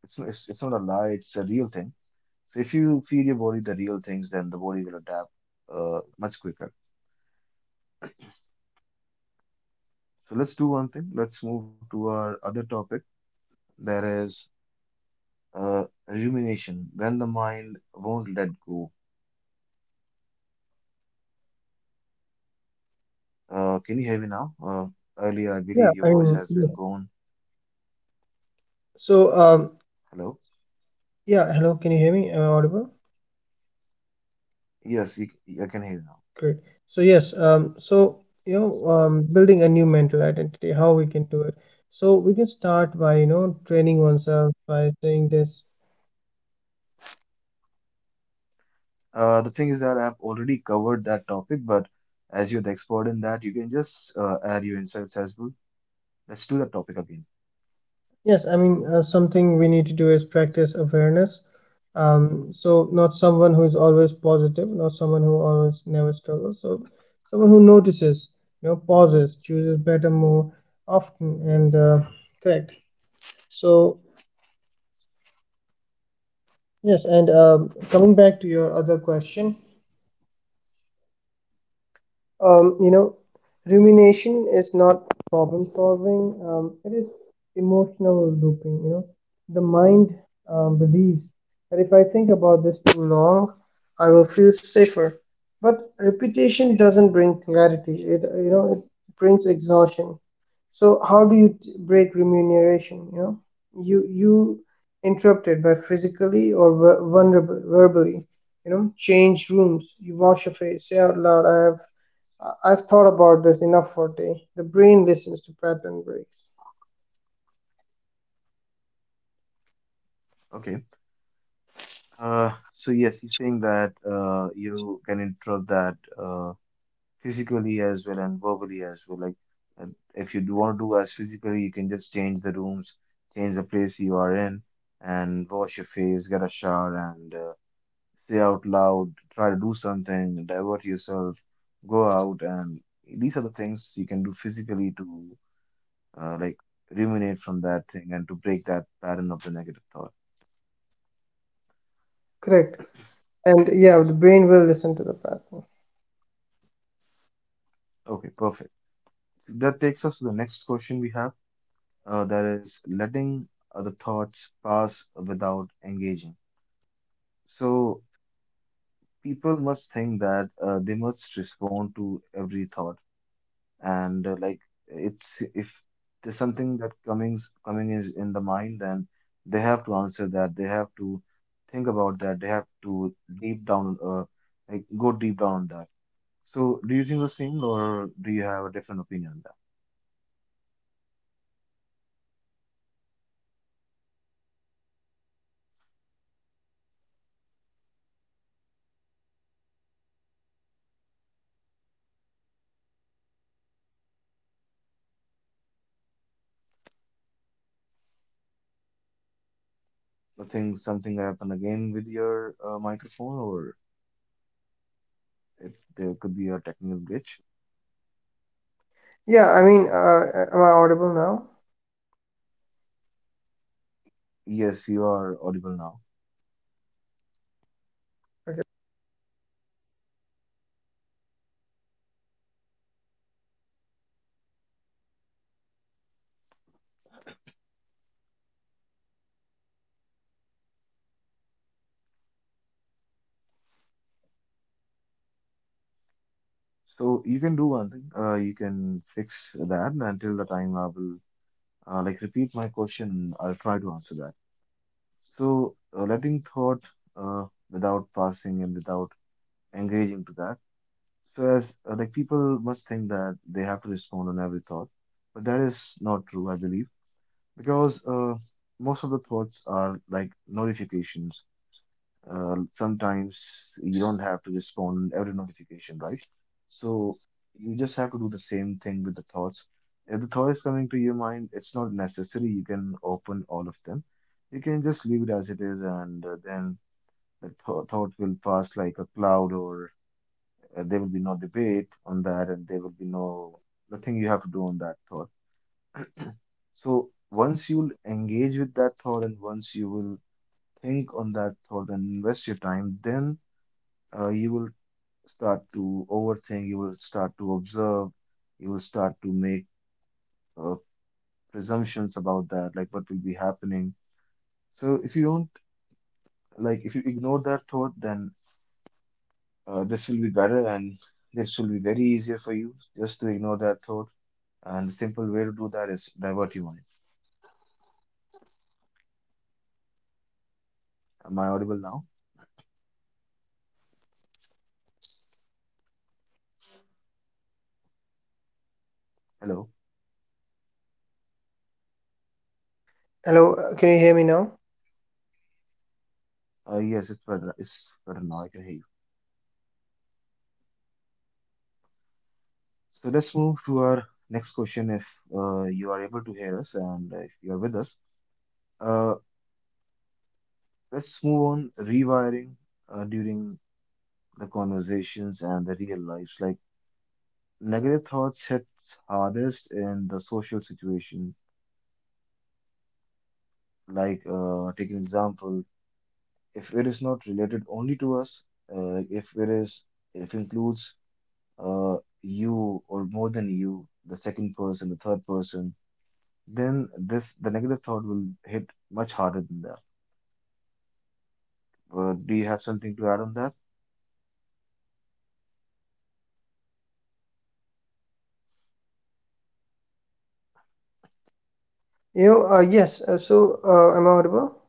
Speaker 1: it's not a lie. It's a real thing. So if you feed your body the real things, then the body will adapt much quicker. So let's do one thing. Let's move to our other topic. There is rumination when the mind won't let go. Can you hear me now? Earlier, I
Speaker 2: Yeah,
Speaker 1: believe your
Speaker 2: I
Speaker 1: voice
Speaker 2: mean,
Speaker 1: has been
Speaker 2: yeah.
Speaker 1: gone.
Speaker 2: So
Speaker 1: Hello.
Speaker 2: yeah. Hello, can you hear me? Am I audible?
Speaker 1: Yes, I can hear you now.
Speaker 2: Great. So yes, so you know, building a new mental identity, how we can do it. So we can start by, you know, training oneself by saying this.
Speaker 1: The thing is that I've already covered that topic, but as you're the expert in that, you can just add your insights as well. Let's do that topic again.
Speaker 2: Yes, I mean, something we need to do is practice awareness. So not someone who is always positive, not someone who always never struggles. So someone who notices, you know, pauses, chooses better more often, and correct. So yes, and coming back to your other question. You know, rumination is not problem solving, it is emotional looping. You know, the mind believes that if I think about this too long, I will feel safer. But repetition doesn't bring clarity, it, you know, it brings exhaustion. So how do you break remuneration? You know, you interrupted by physically or vulnerable verbally. You know, change rooms. You wash your face. Say out loud, "I have, I've thought about this enough for today." The brain listens to pattern breaks.
Speaker 1: Okay. So yes, he's saying that you can interrupt that physically as well and verbally as well. Like, and if you do want to do as physically, you can just change the rooms, change the place you are in, and wash your face, get a shower, and say out loud, try to do something, divert yourself, go out, and these are the things you can do physically to uh, like ruminate from that thing and to break that pattern of the negative thought.
Speaker 2: Correct. And yeah, the brain will listen to the pattern.
Speaker 1: Okay, perfect. That takes us to the next question we have, that is letting other thoughts pass without engaging. So people must think that they must respond to every thought and like it's if there's something that coming is in the mind, then they have to answer that, they have to think about that, they have to deep down go deep down on that. So do you think the same or do you have a different opinion on that? I think something happened again with your microphone, or if there could be a technical glitch.
Speaker 2: Yeah, I mean, am I audible now?
Speaker 1: Yes, you are audible now.
Speaker 2: Okay.
Speaker 1: So you can do one thing, you can fix that until the time I will, repeat my question. I'll try to answer that. So, letting thought without passing and without engaging to that. So, as like people must think that they have to respond on every thought, but that is not true, I believe, because most of the thoughts are like notifications. Sometimes you don't have to respond every notification, right? So you just have to do the same thing with the thoughts. If the thought is coming to your mind, it's not necessary. You can open all of them. You can just leave it as it is, and then the th thought will pass like a cloud, or there will be no debate on that, and there will be no nothing you have to do on that thought. So once you'll engage with that thought, and once you will think on that thought and invest your time, then you will start to overthink, you will start to observe, you will start to make uh, presumptions about that, like what will be happening. So if you don't like, if you ignore that thought, then this will be better and this will be very easier for you just to ignore that thought. And the simple way to do that is divert your mind. Am I audible now? Hello.
Speaker 2: Hello, can you hear me now?
Speaker 1: Yes, it's better. It's better now. I can hear you. So let's move to our next question. If you are able to hear us and if you are with us, Uh, let's move on rewiring during the conversations and the real lives. Like negative thoughts hits hardest in the social situation. Like take an example, if it is not related only to us, if it is if includes you or more than you, the second person, the third person, then this the negative thought will hit much harder than that. Do you have something to add on that?
Speaker 2: You know, yes. Am I audible?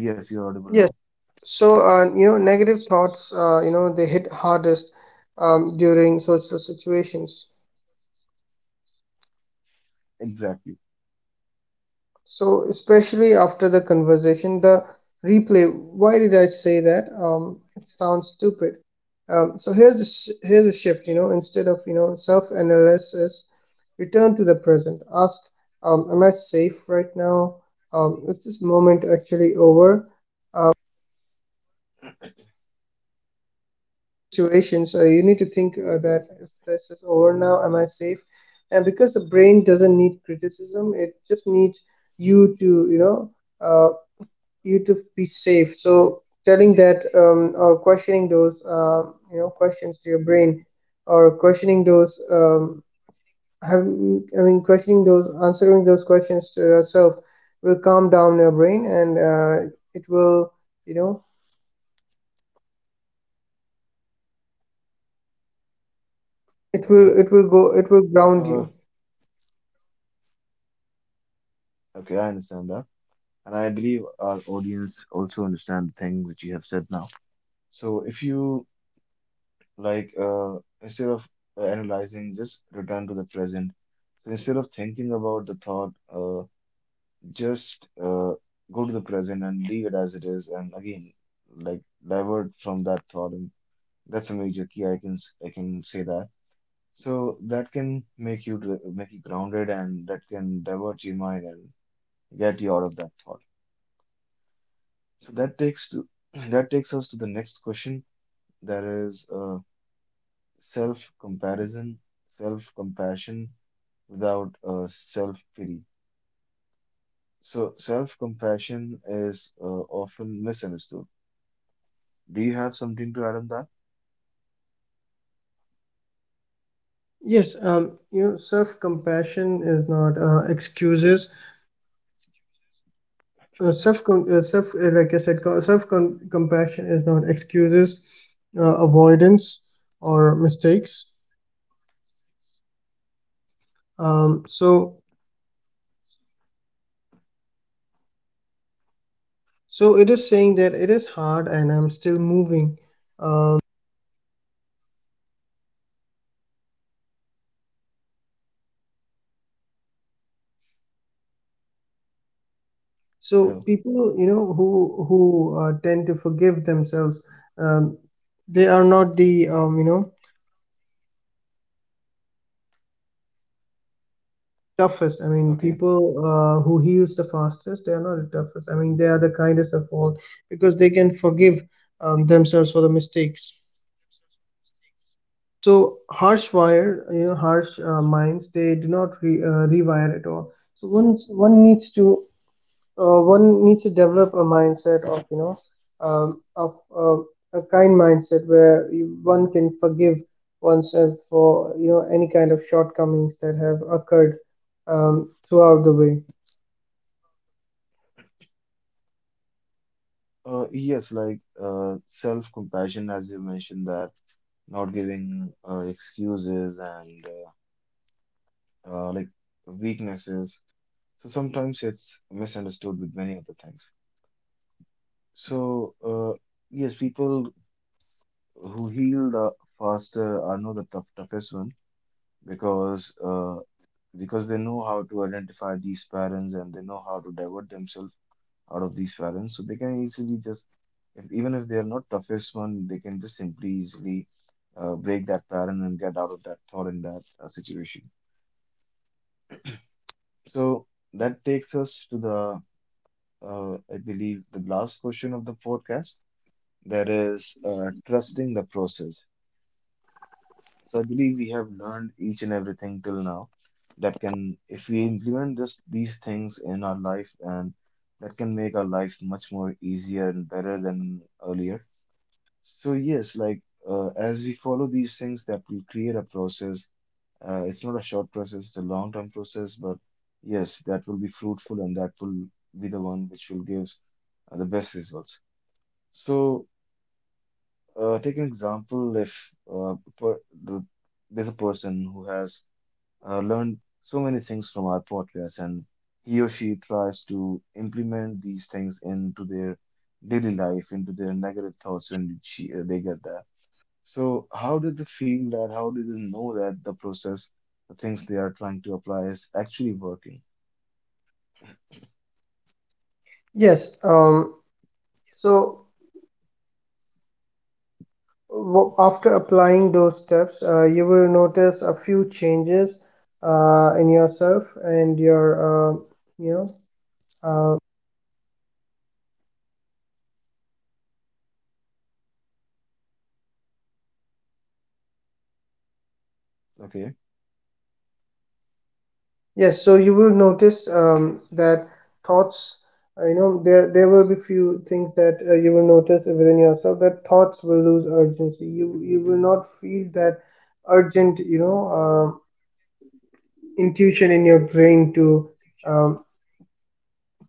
Speaker 1: Yes, you're audible
Speaker 2: Yes.
Speaker 1: now.
Speaker 2: So, you know, negative thoughts, you know, they hit hardest during social situations.
Speaker 1: Exactly.
Speaker 2: So, especially after the conversation, the replay, why did I say that? It sounds stupid. So here's the here's a shift, you know, instead of, you know, self-analysis, return to the present. Ask, am I safe right now? Is this moment actually over? Situation, so you need to think, that if this is over now, am I safe? And because the brain doesn't need criticism, it just needs you to, you know, uh, you to be safe. So telling that, or questioning those, you know, questions to your brain, or questioning those, having, I mean questioning those, answering those questions to yourself will calm down your brain, and it will, you know,
Speaker 1: Okay.
Speaker 2: it will ground
Speaker 1: Uh,
Speaker 2: you.
Speaker 1: okay, I understand that. And I believe our audience also understand the thing which you have said now. So if you like, instead of analyzing, just return to the present. So instead of thinking about the thought, just go to the present and leave it as it is. And again, like divert from that thought. And that's a major key. I can say that. So that can make you grounded, and that can divert your mind and get you out of that thought. So that takes to [clears throat] that takes us to the next question. That is self-comparison, self-compassion without self-pity. So self-compassion is often misunderstood. Do you have something to add on that?
Speaker 2: Yes, you know, self-compassion is not excuses. Like I said, self-compassion is not excuses, avoidance, or mistakes. Um, so, so it is saying that it is hard, and I'm still moving. Um, so
Speaker 1: Hello.
Speaker 2: people, you know, who tend to forgive themselves, um, they are not the you know, toughest. I mean,
Speaker 1: Okay.
Speaker 2: people who heals the fastest, they are not the toughest. I mean, they are the kindest of all, because they can forgive themselves for the mistakes. So harsh wire, you know, harsh minds, they do not rewire at all. So one needs to, one needs to develop a mindset of, you know, of a kind mindset where one can forgive oneself for, you know, any kind of shortcomings that have occurred throughout the way.
Speaker 1: Yes, like self-compassion, as you mentioned that not giving excuses and uh, uh, like weaknesses. So sometimes it's misunderstood with many other things. So, yes, people who heal the faster are not the toughest one because uh, because they know how to identify these patterns and they know how to divert themselves out of these patterns. So they can easily just, if, even if they are not toughest one, they can just simply easily break that pattern and get out of that thought in that situation. So that takes us to I believe, the last question of the podcast. That is trusting the process. So I believe we have learned each and everything till now that can, if we implement this these things in our life, and that can make our life much more easier and better than earlier. So yes, like as we follow these things, that will create a process. It's not a short process; it's a long-term process. But yes, that will be fruitful, and that will be the one which will give the best results. So take an example: if uh, per, the, there's a person who has learned so many things from our podcast, and he or she tries to implement these things into their daily life, into their negative thoughts when they get that. So, how did they feel that? How did they know that the process, the things they are trying to apply, is actually working?
Speaker 2: Yes, so after applying those steps, you will notice a few changes in yourself and your, you know, uh,
Speaker 1: Okay,
Speaker 2: yes, so you will notice that thoughts, you know, there will be few things that you will notice within yourself, that thoughts will lose urgency. You will not feel that urgent, you know, intuition in your brain um,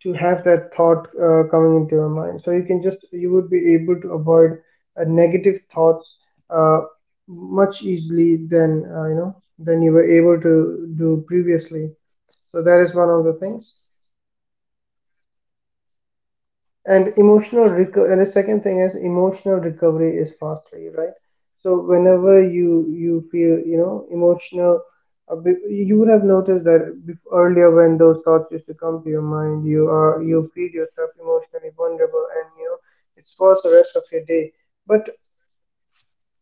Speaker 2: to have that thought coming into your mind, so you can just, you would be able to avoid negative thoughts uh, much easily than, you know, than you were able to do previously. So that is one of the things. And the second thing is emotional recovery is faster, right? So whenever you feel, you know, emotional a bit, you would have noticed that, earlier, when those thoughts used to come to your mind, you feel yourself emotionally vulnerable, and, you know, it's for the rest of your day. But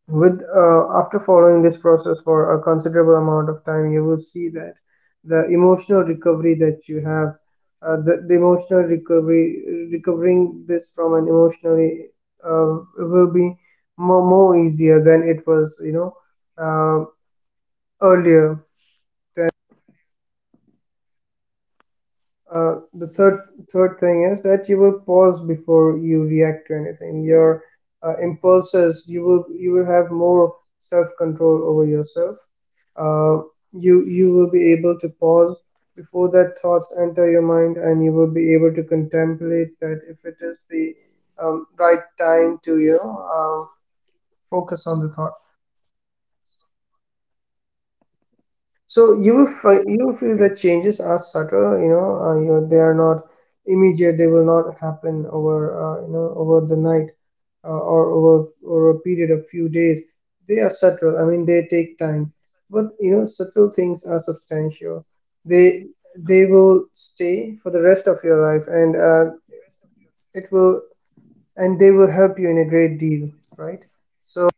Speaker 2: with, after following this process for a considerable amount of time, you will see that the emotional recovery that you have, the emotional recovery recovering this from an emotionally, will be more easier than it was, you know, uh, earlier. The third thing is that you will pause before you react to anything. Your impulses, you will have more self control over yourself. Uh, you you will be able to pause before that thoughts enter your mind, and you will be able to contemplate that if it is the right time to, you know, focus on the thought. So you will you will feel
Speaker 1: okay,
Speaker 2: that changes are subtle, you know, they are not immediate. They will not happen over, you know, over the night, or over a period of few days. They are subtle. I mean, they take time, but you know, subtle things are substantial. They they will stay for the rest of your life, and it will, and they will help you in a great deal, right? So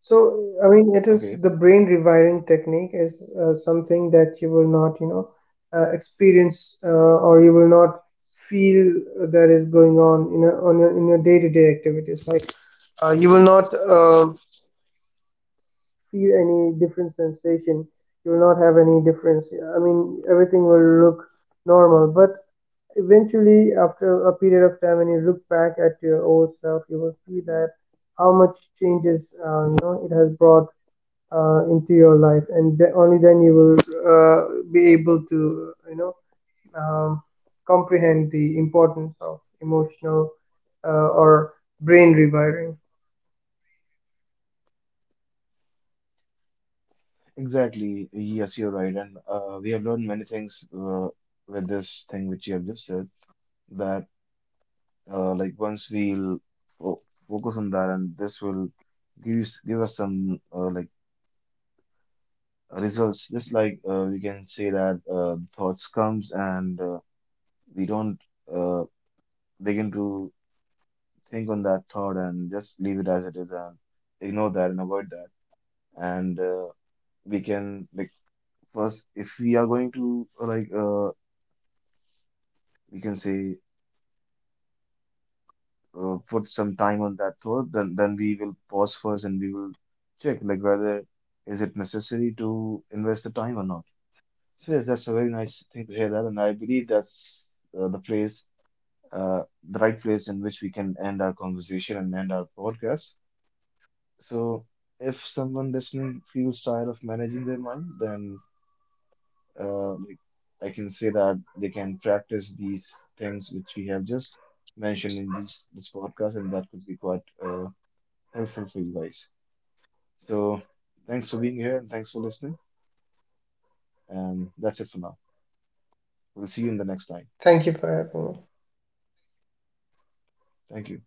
Speaker 2: So, I mean, it is
Speaker 1: okay,
Speaker 2: the brain rewiring technique, is something that you will not, you know, experience, or you will not feel that is going on in a, on your in your day-to-day activities. Like you will not feel any different sensation. You will not have any difference. I mean, everything will look normal. But eventually, after a period of time, when you look back at your old self, you will see that how much changes you know, it has brought into your life, and only then you will be able to, you know, um, comprehend the importance of emotional, or brain rewiring.
Speaker 1: exactly. Yes, you're right, and we have learned many things with this thing which you have just said that like once we'll fo focus on that and this will give us some uh, like results just like we can say that thoughts comes and we don't uh, begin to think on that thought and just leave it as it is and ignore that and avoid that and we can like first if we are going to uh, like uh, we can say put some time on that thought, then we will pause first and we will check like whether is it necessary to invest the time or not. So yes, that's a very nice thing to hear that, and I believe that's uh, the place, uh, the right place in which we can end our conversation and end our podcast. So if someone listening feels tired of managing their mind, then like I can say that they can practice these things which we have just mentioned in this podcast, and that could be quite helpful for you guys. So thanks for being here and thanks for listening. And that's it for now. We'll see you in the next time.
Speaker 2: Thank you for having me.
Speaker 1: Thank you.